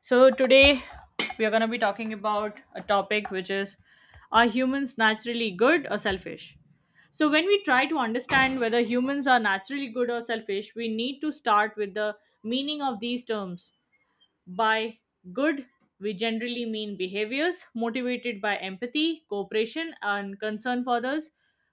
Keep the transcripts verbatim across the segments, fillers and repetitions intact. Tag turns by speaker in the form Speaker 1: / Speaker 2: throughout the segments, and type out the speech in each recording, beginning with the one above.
Speaker 1: So, today we are going to be talking about a topic which is, are humans naturally good or selfish? So, when we try to understand whether humans are naturally good or selfish, we need to start with the meaning of these terms. By good, we generally mean behaviors motivated by empathy, cooperation, and concern for others'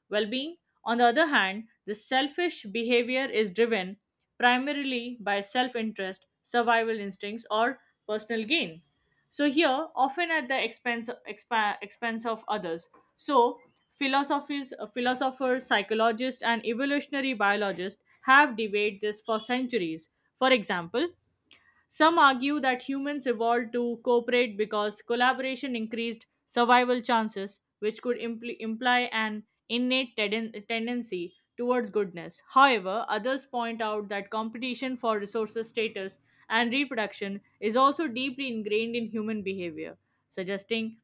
Speaker 1: well being. On the other hand, the selfish behavior is driven primarily by self interest, survival instincts, or personal gain. So, here, often at the expense, expa- expense of others. So, philosophies, uh, philosophers, psychologists, and evolutionary biologists have debated this for centuries. For example, some argue that humans evolved to cooperate because collaboration increased survival chances, which could impl- imply an innate tenden- tendency towards goodness. However, others point out that competition for resources, status, and reproduction is also deeply ingrained in human behavior, suggesting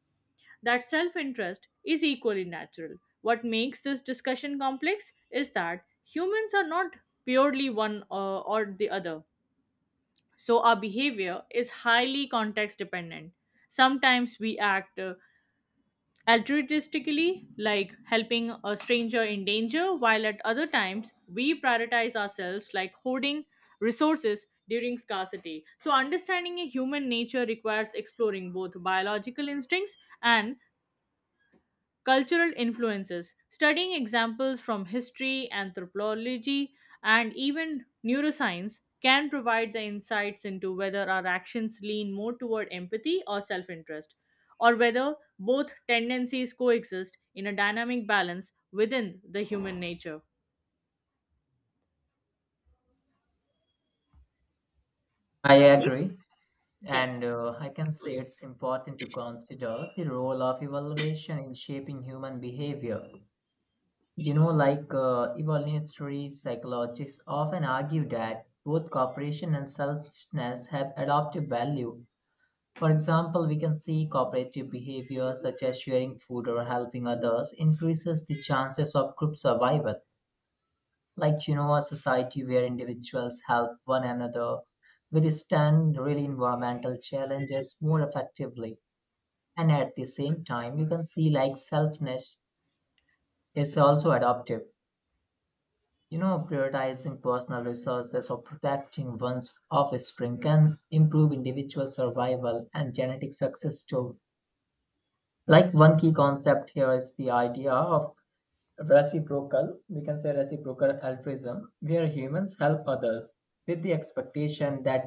Speaker 1: that self interest is equally natural. What makes this discussion complex is that humans are not purely one uh, or the other, so our behavior is highly context dependent. Sometimes we act uh, altruistically, like helping a stranger in danger, while at other times we prioritize ourselves, like hoarding resources during scarcity. So understanding a human nature requires exploring both biological instincts and cultural influences. Studying examples from history, anthropology, and even neuroscience can provide the insights into whether our actions lean more toward empathy or self interest, or whether both tendencies coexist in a dynamic balance within the human nature.
Speaker 2: I
Speaker 1: Right?
Speaker 2: agree, and
Speaker 1: Yes.
Speaker 2: uh, I can say it's important to consider the role of evaluation in shaping human behavior. You know, like uh, evolutionary psychologists often argue that both cooperation and selfishness have adaptive value. For example, we can see cooperative behavior such as sharing food or helping others increases the chances of group survival, like you know a society where individuals help one another withstand really environmental challenges more effectively. And at the same time you can see like selfness is also adaptive. You know, prioritizing personal resources or protecting one's offspring can improve individual survival and genetic success too. Like one key concept here is the idea of reciprocal, we can say reciprocal altruism, where humans help others with the expectation that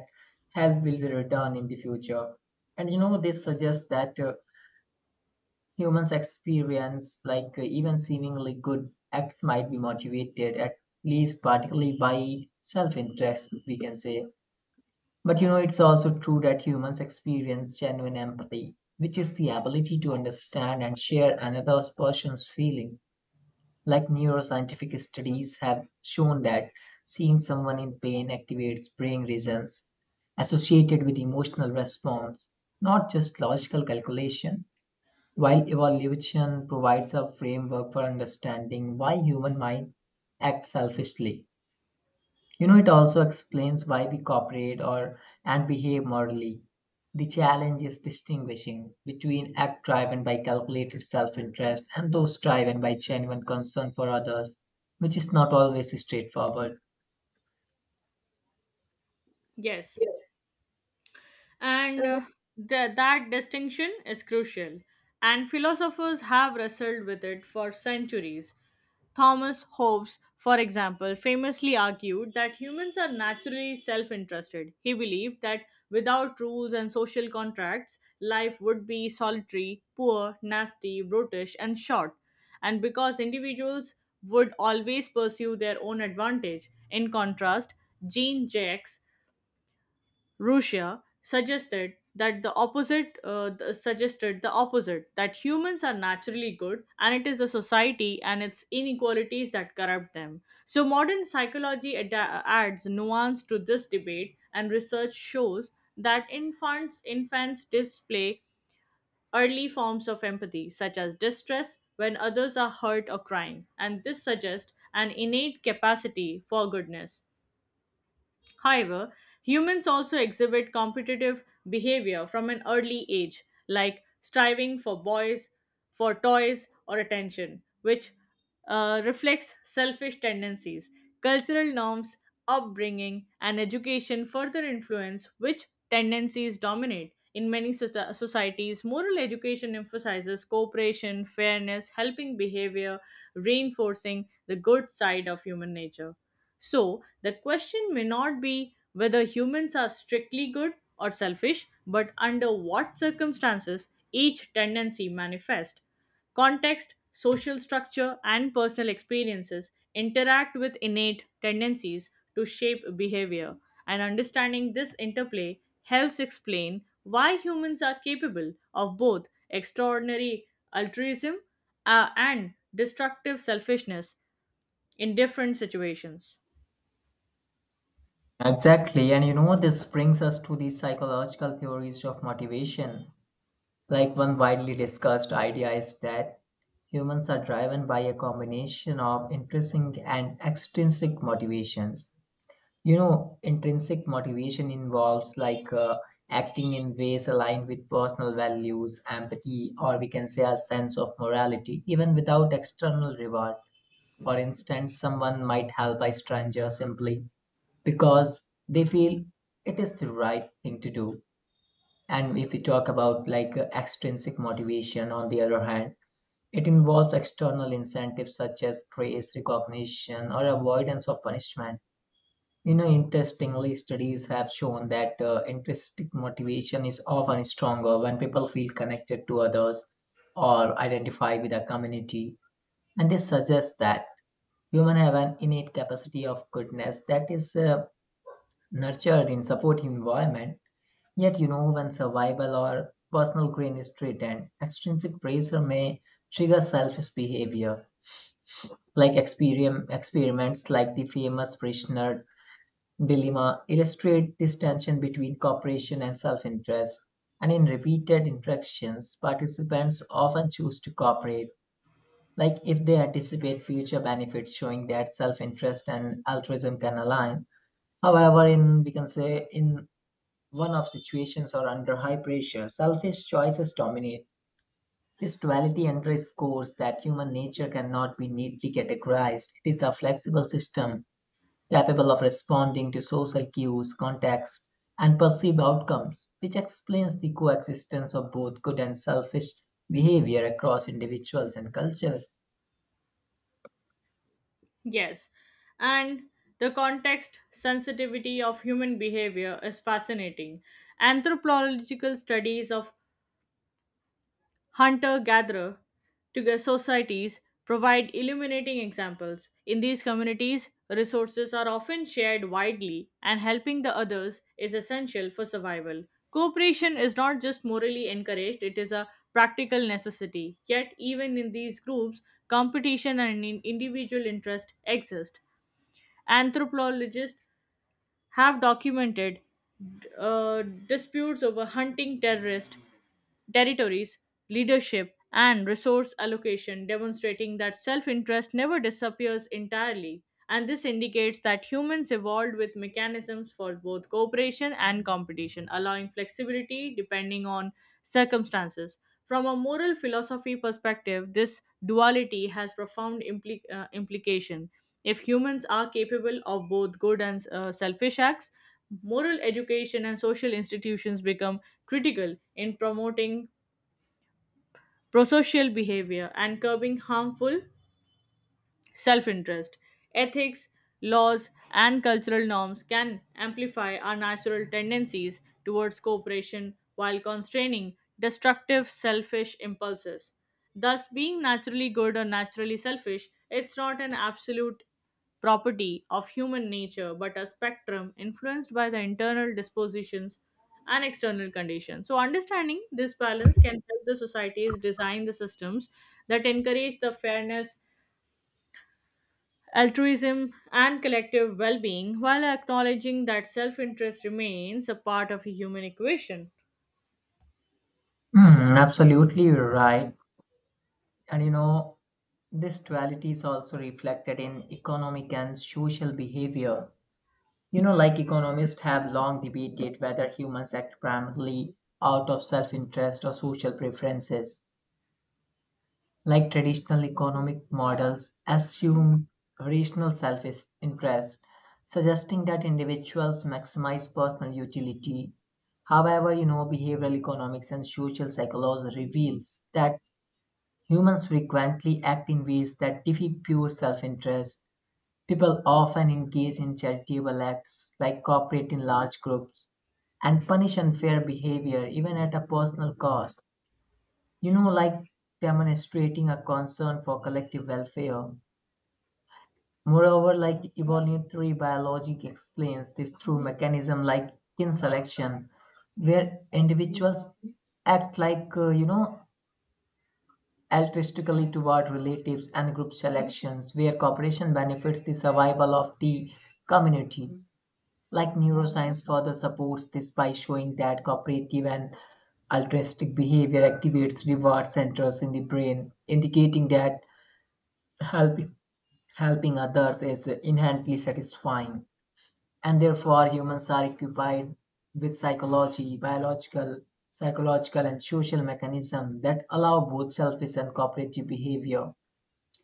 Speaker 2: help will be returned in the future. And you know, this suggests that uh, humans experience like uh, even seemingly good acts might be motivated at least particularly by self interest, we can say. But you know, it's also true that humans experience genuine empathy, which is the ability to understand and share another person's feeling. Like neuroscientific studies have shown that seeing someone in pain activates brain regions associated with emotional response, not just logical calculation. While evolution provides a framework for understanding why human mind acts selfishly, you know, it also explains why we cooperate or and behave morally. The challenge is distinguishing between acts driven by calculated self-interest and those driven by genuine concern for others, which is not always straightforward.
Speaker 1: Yes, and uh, th- that distinction is crucial, and philosophers have wrestled with it for centuries. Thomas Hobbes, for example, famously argued that humans are naturally self-interested. He believed that without rules and social contracts, life would be solitary, poor, nasty, brutish, and short, and because individuals would always pursue their own advantage. In contrast, Jean Jacques Russia suggested that the opposite, uh, th- suggested the opposite that humans are naturally good and it is the society and its inequalities that corrupt them. So modern psychology ada- adds nuance to this debate, and research shows that infants infants display early forms of empathy such as distress when others are hurt or crying, and this suggests an innate capacity for goodness. However, humans also exhibit competitive behavior from an early age, like striving for boys, for toys, or attention, which uh, reflects selfish tendencies. Cultural norms, upbringing, and education further influence which tendencies dominate. In many soci- societies, moral education emphasizes cooperation, fairness, helping behavior, reinforcing the good side of human nature. So, the question may not be whether humans are strictly good or selfish, but under what circumstances each tendency manifests. Context, social structure, and personal experiences interact with innate tendencies to shape behavior, and understanding this interplay helps explain why humans are capable of both extraordinary altruism uh, and destructive selfishness in different situations.
Speaker 2: Exactly, and you know, this brings us to the psychological theories of motivation. Like one widely discussed idea is that humans are driven by a combination of intrinsic and extrinsic motivations. You know, intrinsic motivation involves like uh, acting in ways aligned with personal values, empathy, or we can say a sense of morality, even without external reward. For instance, someone might help a stranger simply because they feel it is the right thing to do. And if we talk about like uh, extrinsic motivation on the other hand, it involves external incentives such as praise, recognition, or avoidance of punishment. You know, interestingly, studies have shown that uh, intrinsic motivation is often stronger when people feel connected to others or identify with a community. And they suggest that humans have an innate capacity of goodness that is uh, nurtured in supportive environment. Yet, you know, when survival or personal gain is threatened, extrinsic pressure may trigger selfish behavior. Like experim- experiments like the famous prisoner dilemma illustrate this tension between cooperation and self-interest, and in repeated interactions, participants often choose to cooperate, like if they anticipate future benefits, showing that self-interest and altruism can align. However, in we can say in one of situations or under high pressure, selfish choices dominate. This duality underscores that human nature cannot be neatly categorized. It is a flexible system capable of responding to social cues, context, and perceived outcomes, which explains the coexistence of both good and selfish behavior across individuals and cultures.
Speaker 1: Yes, and the context sensitivity of human behavior is fascinating. Anthropological studies of hunter gatherer societies provide illuminating examples. In these communities, resources are often shared widely, and helping the others is essential for survival. Cooperation is not just morally encouraged, it is a practical necessity. Yet, even in these groups, competition and in- individual interest exist. Anthropologists have documented uh, disputes over hunting terrorist territories, leadership, and resource allocation, demonstrating that self interest never disappears entirely. And this indicates that humans evolved with mechanisms for both cooperation and competition, allowing flexibility depending on circumstances. From a moral philosophy perspective, this duality has profound impli- uh, implication. If humans are capable of both good and uh, selfish acts, moral education and social institutions become critical in promoting prosocial behavior and curbing harmful self interest. Ethics, laws, and cultural norms can amplify our natural tendencies towards cooperation while constraining destructive, selfish impulses. Thus, being naturally good or naturally selfish, it's not an absolute property of human nature but a spectrum influenced by the internal dispositions and external conditions. So, understanding this balance can help the societies design the systems that encourage the fairness, altruism, and collective well being while acknowledging that self interest remains a part of a human equation.
Speaker 2: Hmm, absolutely, right. And you know, this duality is also reflected in economic and social behavior. You know, like economists have long debated whether humans act primarily out of self interest or social preferences. Like traditional economic models, assume rational self interest, suggesting that individuals maximize personal utility. However, you know, behavioral economics and social psychology reveals that humans frequently act in ways that defeat pure self-interest. People often engage in charitable acts, like cooperate in large groups and punish unfair behavior even at a personal cost, you know, like demonstrating a concern for collective welfare. Moreover, like evolutionary biology explains this through mechanism like kin selection, where individuals act like uh, you know altruistically toward relatives and group selections, where cooperation benefits the survival of the community. Like neuroscience further supports this by showing that cooperative and altruistic behavior activates reward centers in the brain, indicating that Helping, helping others is inherently satisfying, and therefore humans are occupied with psychology, biological, psychological, and social mechanisms that allow both selfish and cooperative behavior.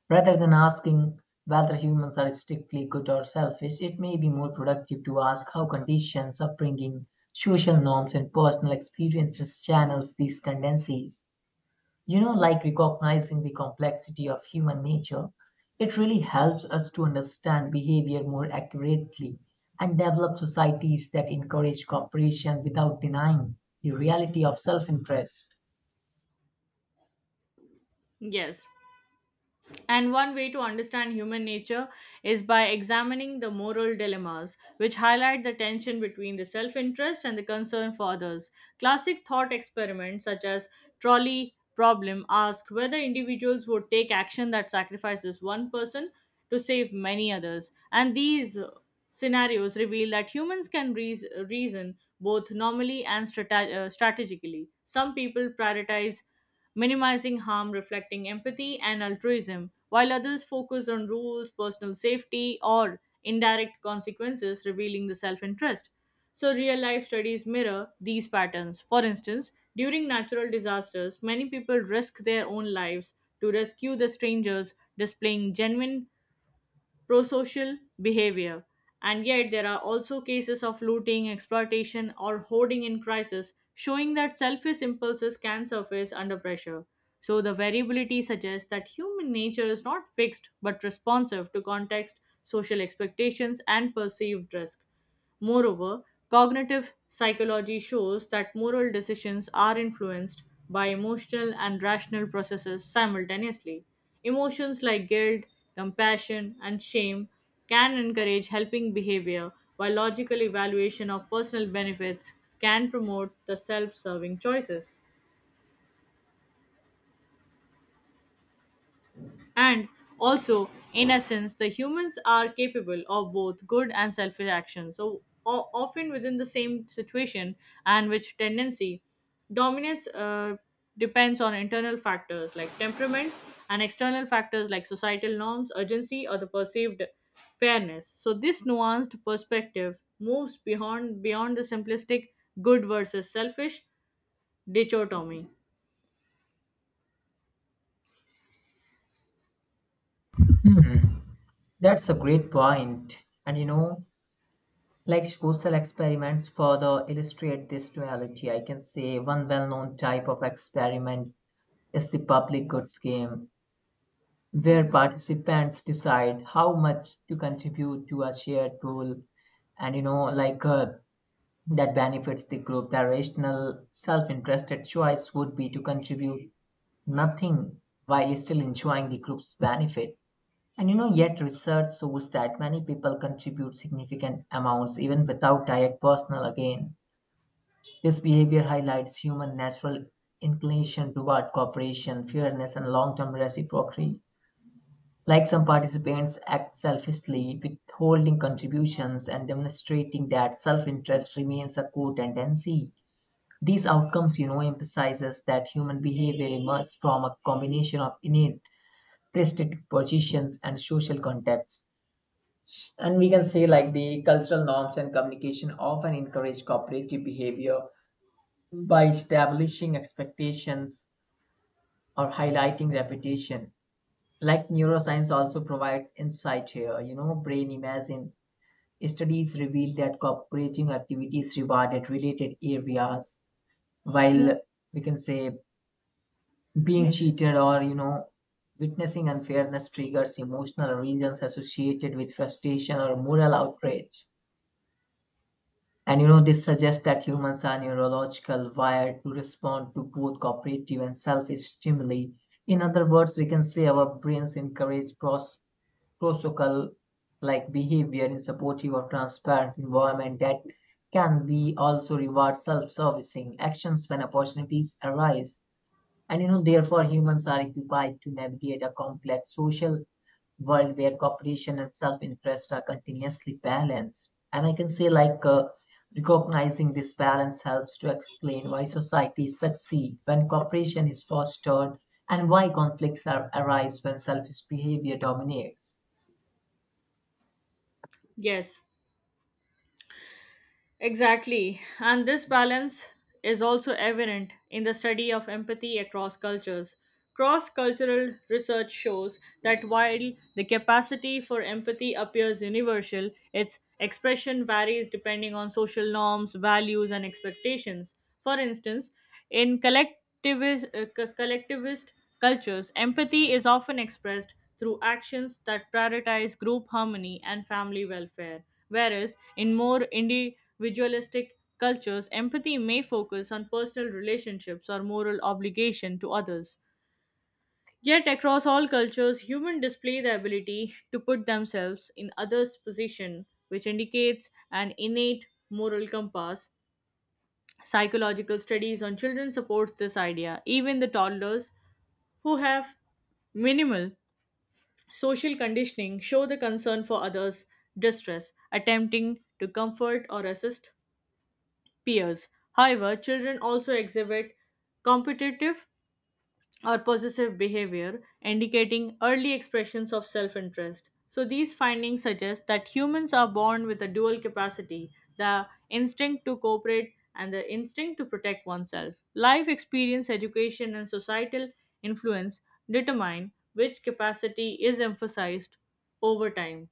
Speaker 2: Rather than asking whether humans are strictly good or selfish, it may be more productive to ask how conditions, upbringing, social norms, and personal experiences channels these tendencies. You know, like recognizing the complexity of human nature, it really helps us to understand behavior more accurately and develop societies that encourage cooperation without denying the reality of self interest.
Speaker 1: Yes, and one way to understand human nature is by examining the moral dilemmas, which highlight the tension between the self interest and the concern for others. Classic thought experiments such as trolley problem ask whether individuals would take action that sacrifices one person to save many others. And these uh, scenarios reveal that humans can reas reason both normally and strate- uh, strategically. Some people prioritize minimizing harm, reflecting empathy and altruism, while others focus on rules, personal safety, or indirect consequences, revealing the self interest. So, real life studies mirror these patterns. For instance, during natural disasters, many people risk their own lives to rescue the strangers, displaying genuine prosocial behavior. And yet, there are also cases of looting, exploitation, or hoarding in crisis, showing that selfish impulses can surface under pressure. So, the variability suggests that human nature is not fixed but responsive to context, social expectations, and perceived risk. Moreover, cognitive psychology shows that moral decisions are influenced by emotional and rational processes simultaneously. Emotions like guilt, compassion, and shame can encourage helping behavior, while logical evaluation of personal benefits can promote the self serving choices. And also, in essence, the humans are capable of both good and selfish actions, so o- often within the same situation, and which tendency dominates uh, depends on internal factors like temperament and external factors like societal norms, urgency, or the perceived fairness. So this nuanced perspective moves beyond beyond the simplistic good versus selfish dichotomy.
Speaker 2: Hmm, that's a great point. And you know, like social experiments further illustrate this duality. I can say one well known type of experiment is the public goods game, where participants decide how much to contribute to a shared goal, and you know like uh, that benefits the group. The rational self-interested choice would be to contribute nothing while still enjoying the group's benefit. And you know, yet research shows that many people contribute significant amounts even without direct personal gain. This behavior highlights human natural inclination toward cooperation, fairness, and long-term reciprocity. Like some participants act selfishly, withholding contributions and demonstrating that self-interest remains a core tendency. These outcomes, you know, emphasizes that human behavior emerges from a combination of innate predispositions and social contexts. And we can say like the cultural norms and communication often encourage cooperative behavior by establishing expectations or highlighting reputation. Like neuroscience also provides insight here. You know, brain imagine studies reveal that cooperating activities rewarded related areas, while we can say being cheated or you know witnessing unfairness triggers emotional regions associated with frustration or moral outrage. And you know this suggests that humans are neurological wired to respond to both cooperative and selfish stimuli. In other words, we can say our brains encourage pros. prosocial like behavior in supportive or transparent environment, that can be also reward self-servicing actions when opportunities arise. And you know therefore humans are equipped to navigate a complex social world where cooperation and self-interest are continuously balanced. And I can say like uh, recognizing this balance helps to explain why societies succeed when cooperation is fostered and why conflicts are, arise when selfish behavior dominates.
Speaker 1: Yes, exactly. And this balance is also evident in the study of empathy across cultures. Cross cultural research shows that while the capacity for empathy appears universal, its expression varies depending on social norms, values, and expectations. For instance, in collectivist, uh, co- collectivist cultures, empathy is often expressed through actions that prioritize group harmony and family welfare, whereas in more individualistic cultures, empathy may focus on personal relationships or moral obligation to others. Yet, across all cultures, humans display the ability to put themselves in others' position, which indicates an innate moral compass. Psychological studies on children supports this idea. Even the toddlers who have minimal social conditioning show the concern for others' distress, attempting to comfort or assist peers. However, children also exhibit competitive or possessive behavior, indicating early expressions of self interest. So, these findings suggest that humans are born with a dual capacity, the instinct to cooperate and the instinct to protect oneself. Life experience, education, and societal influence determine which capacity is emphasized over time,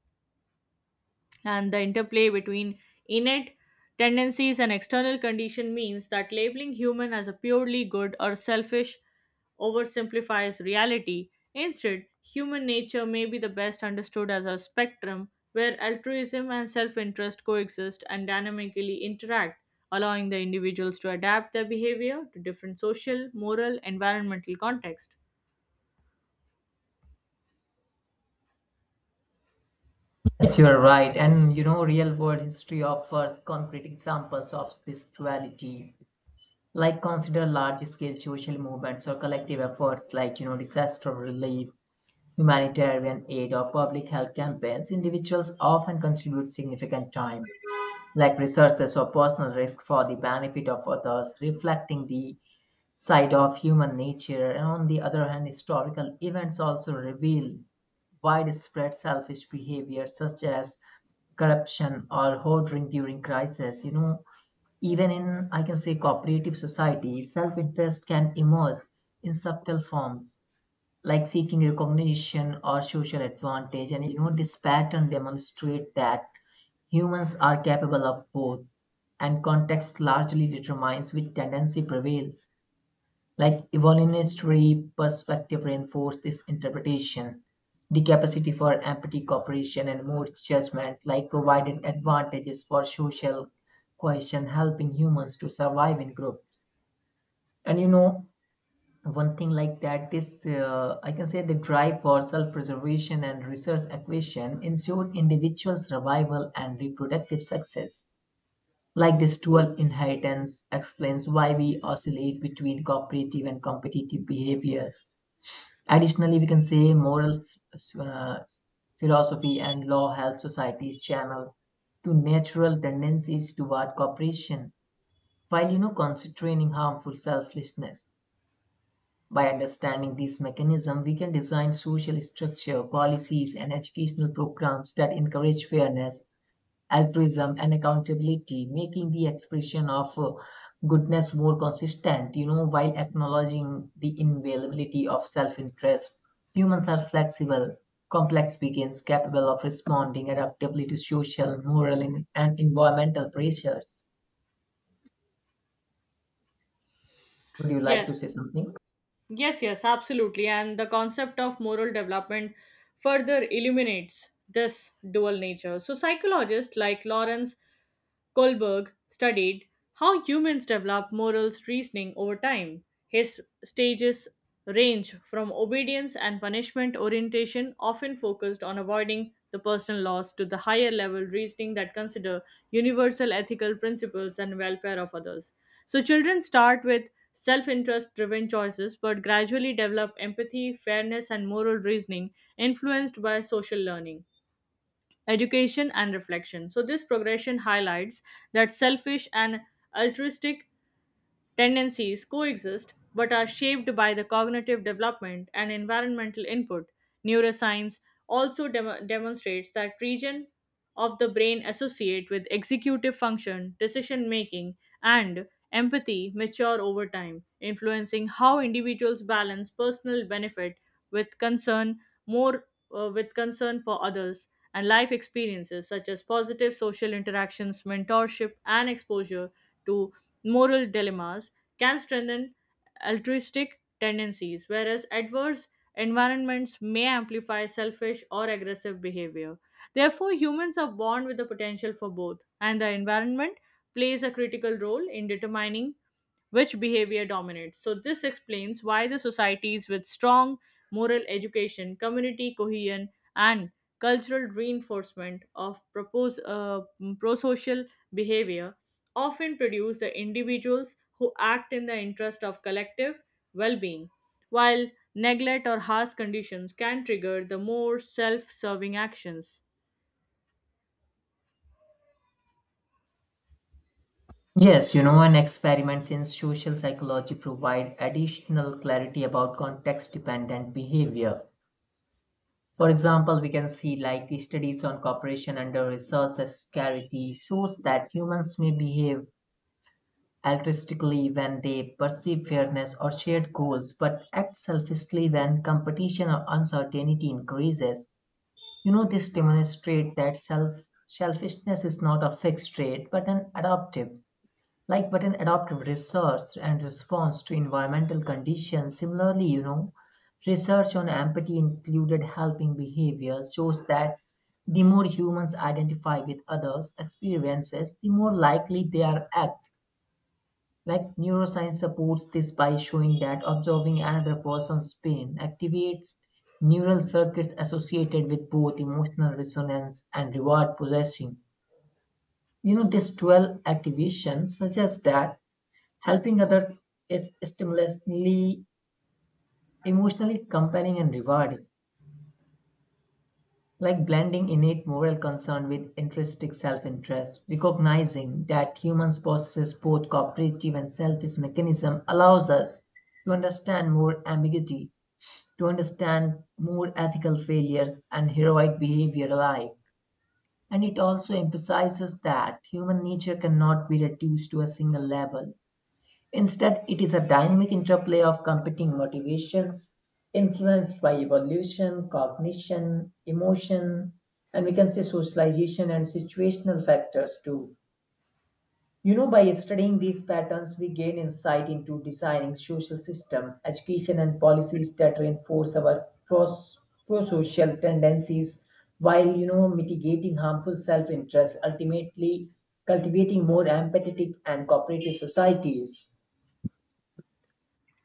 Speaker 1: and the interplay between innate tendencies and external condition means that labeling human as a purely good or selfish oversimplifies reality. Instead, human nature may be the best understood as a spectrum where altruism and self interest coexist and dynamically interact, allowing the individuals to adapt their behavior to different social, moral, environmental context.
Speaker 2: Yes, you are right. And you know, real world history offers concrete examples of spirituality. Like consider large scale social movements or collective efforts like, you know, disaster relief, humanitarian aid, or public health campaigns. Individuals often contribute significant time, like resources or personal risk for the benefit of others, reflecting the side of human nature. And on the other hand, historical events also reveal widespread selfish behavior such as corruption or hoarding during crisis. You know, even in, I can say, cooperative society, self interest can emerge in subtle forms like seeking recognition or social advantage. And, you know, this pattern demonstrates that humans are capable of both, and context largely determines which tendency prevails. Like evolutionary perspective reinforce this interpretation. The capacity for empathy, cooperation, and more judgment, like provided advantages for social cohesion, helping humans to survive in groups. And you know, one thing like that, this uh, I can say the drive for self-preservation and resource acquisition ensured individual survival and reproductive success. Like this dual inheritance explains why we oscillate between cooperative and competitive behaviors. Additionally, we can say moral uh, philosophy and law help societies channel to natural tendencies toward cooperation while you know constraining harmful selflessness. By understanding these mechanisms, we can design social structure, policies, and educational programs that encourage fairness, altruism, and accountability, making the expression of uh, goodness more consistent, you know, while acknowledging the invaluability of self interest. Humans are flexible, complex beings capable of responding adaptively to social, moral, and and environmental pressures. Would you like to
Speaker 1: Yes,
Speaker 2: say something?
Speaker 1: yes, yes, absolutely. And the concept of moral development further illuminates this dual nature. So, psychologists like Lawrence Kohlberg studied how humans develop morals reasoning over time. His stages range from obedience and punishment orientation, often focused on avoiding the personal loss, to the higher level reasoning that consider universal ethical principles and welfare of others. So children start with self interest driven choices but gradually develop empathy, fairness, and moral reasoning influenced by social learning, education, and reflection. So this progression highlights that selfish and altruistic tendencies coexist but are shaped by the cognitive development and environmental input. Neuroscience also dem- demonstrates that region of the brain associate with executive function, decision making, and empathy mature over time, influencing how individuals balance personal benefit with concern more uh, with concern for others, and life experiences such as positive social interactions, mentorship, and exposure to moral dilemmas can strengthen altruistic tendencies, whereas adverse environments may amplify selfish or aggressive behavior. Therefore, humans are born with the potential for both, and the environment plays a critical role in determining which behavior dominates. So, this explains why the societies with strong moral education, community cohesion, and cultural reinforcement of propose, uh, pro social behavior often produce the individuals who act in the interest of collective well being, while neglect or harsh conditions can trigger the more self serving actions.
Speaker 2: Yes, you know, and experiments in social psychology provide additional clarity about context dependent behavior. For example, we can see like the studies on cooperation under resource scarcity shows that humans may behave altruistically when they perceive fairness or shared goals, but act selfishly when competition or uncertainty increases. You know, this demonstrates that self selfishness is not a fixed trait but an adaptive. Like what an adaptive research and response to environmental conditions. Similarly, you know, research on empathy included helping behavior shows that the more humans identify with others' experiences, the more likely they are act. Like neuroscience supports this by showing that observing another person's pain activates neural circuits associated with both emotional resonance and reward processing. You know, this dual activation suggests that helping others is stimulously emotionally compelling and rewarding, like blending innate moral concern with intrinsic self-interest. Recognizing that humans possess both cooperative and selfish mechanism allows us to understand more ambiguity, to understand more ethical failures and heroic behavior alike. And it also emphasizes that human nature cannot be reduced to a single level. Instead, it is a dynamic interplay of competing motivations influenced by evolution, cognition, emotion, and we can say socialization and situational factors too. You know, by studying these patterns, we gain insight into designing social system, education, and policies that reinforce our pros- pro-social tendencies while, you know, mitigating harmful self-interest, ultimately cultivating more empathetic and cooperative societies.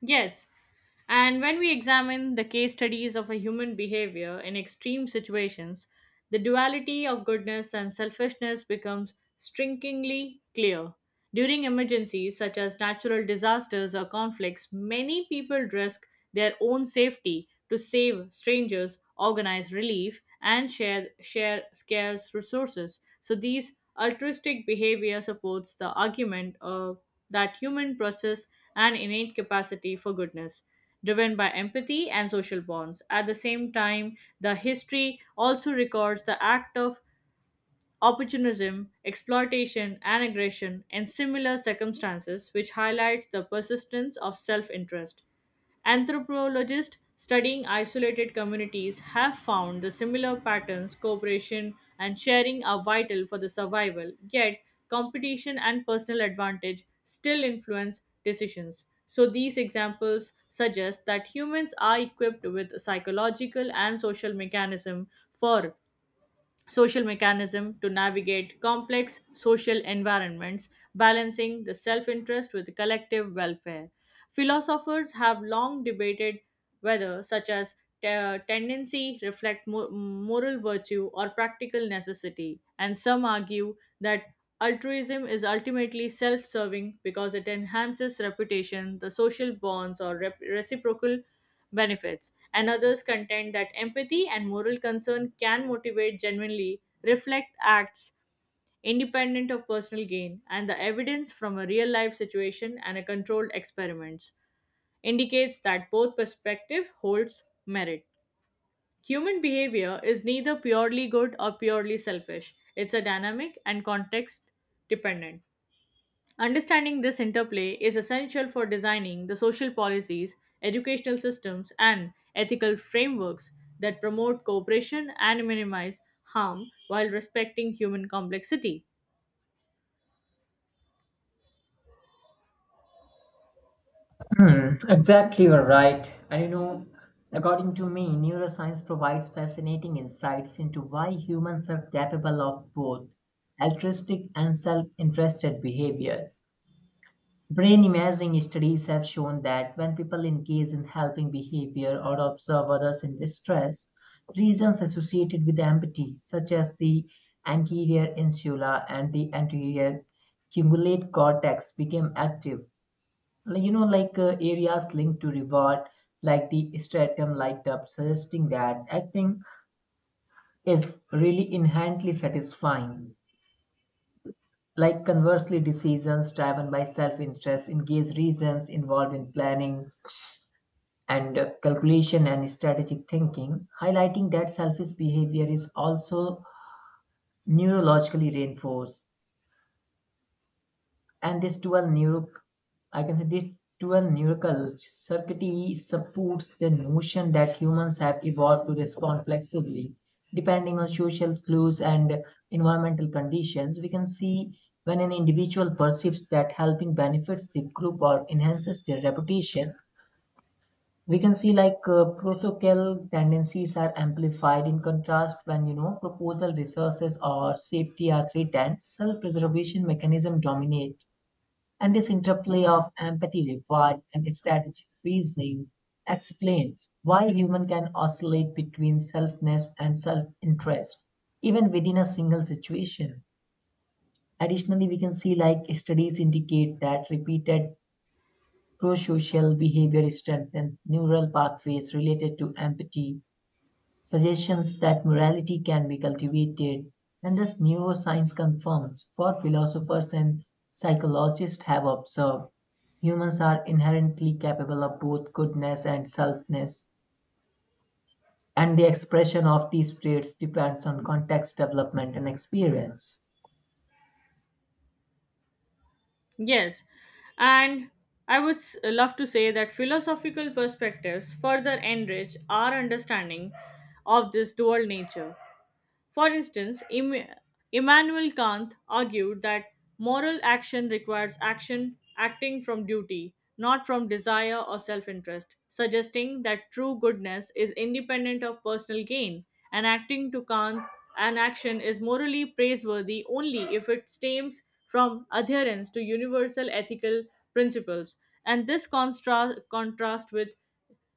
Speaker 1: Yes. And when we examine the case studies of a human behavior in extreme situations, the duality of goodness and selfishness becomes strikingly clear. During emergencies such as natural disasters or conflicts, many people risk their own safety to save strangers, organize relief, and share, share scarce resources. So, these altruistic behavior supports the argument of that human process and innate capacity for goodness, driven by empathy and social bonds. At the same time, the history also records the act of opportunism, exploitation, and aggression, and similar circumstances, which highlights the persistence of self interest. Anthropologists studying isolated communities have found the similar patterns, cooperation and sharing are vital for the survival, yet, competition and personal advantage still influence decisions. So, these examples suggest that humans are equipped with psychological and social mechanism for social mechanism to navigate complex social environments, balancing the self interest with collective welfare. Philosophers have long debated whether such as te- tendency reflect mo- moral virtue or practical necessity, and some argue that altruism is ultimately self-serving because it enhances reputation the social bonds or rep- reciprocal benefits, and others contend that empathy and moral concern can motivate genuinely reflect acts independent of personal gain, and the evidence from a real life situation and a controlled experiments indicates that both perspective holds merit. Human behavior is neither purely good or purely selfish. It's a dynamic and context dependent. Understanding this interplay is essential for designing the social policies, educational systems, and ethical frameworks that promote cooperation and minimize harm while respecting human complexity.
Speaker 2: Hmm, exactly, you're right. And you know, according to me, neuroscience provides fascinating insights into why humans are capable of both altruistic and self interested behaviors. Brain imaging studies have shown that when people engage in helping behavior or observe others in distress, regions associated with empathy, such as the anterior insula and the anterior cingulate cortex, became active, like, you know, like uh, areas linked to reward, like the stratum light up, suggesting that acting is really inherently satisfying. Like conversely, decisions driven by self interest engage reasons involved in planning and uh, calculation and strategic thinking, highlighting that selfish behavior is also neurologically reinforced. And this dual neural i can say this dual neural circuitry supports the notion that humans have evolved to respond flexibly depending on social clues and environmental conditions. We can see when an individual perceives that helping benefits the group or enhances their reputation, we can see like uh, prosocial tendencies are amplified. In contrast, when you know proposal resources or safety are threatened, self-preservation mechanism dominate. And this interplay of empathy required and strategic reasoning explains why human can oscillate between selfness and self-interest, even within a single situation. Additionally, we can see like studies indicate that repeated pro-social behavior strengthens neural pathways related to empathy, suggestions that morality can be cultivated, and thus neuroscience confirms what philosophers and psychologists have observed. Humans are inherently capable of both goodness and selfness, and the expression of these traits depends on context, development, and experience.
Speaker 1: Yes, and I would s- love to say that philosophical perspectives further enrich our understanding of this dual nature. For instance, Im- Immanuel Kant argued that moral action requires action acting from duty, not from desire or self interest, suggesting that true goodness is independent of personal gain, and acting to Kant, an action is morally praiseworthy only if it stems from adherence to universal ethical principles. And this contra- contrast with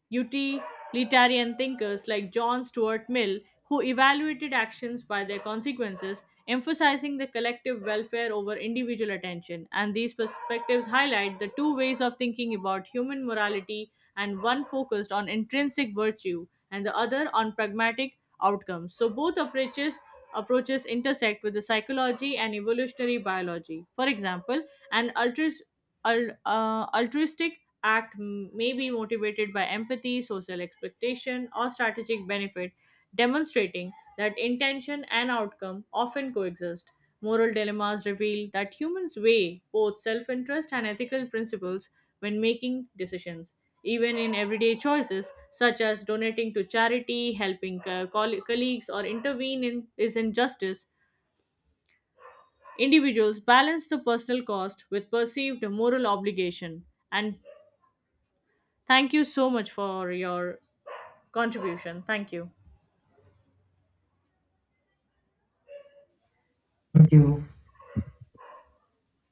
Speaker 1: utilitarian thinkers like John Stuart Mill, who evaluated actions by their consequences, emphasizing the collective welfare over individual attention. And these perspectives highlight the two ways of thinking about human morality, and one focused on intrinsic virtue and the other on pragmatic outcomes. So both approaches approaches intersect with the psychology and evolutionary biology. For example, an altruist al- uh, altruistic act m- may be motivated by empathy, social expectation, or strategic benefit, demonstrating that intention and outcome often coexist. Moral dilemmas reveal that humans weigh both self interest and ethical principles when making decisions. Even in everyday choices, such as donating to charity, helping co- coll- colleagues, or intervene in is injustice, individuals balance the personal cost with perceived moral obligation. And thank you so much for your contribution. Thank you.
Speaker 2: Thank you.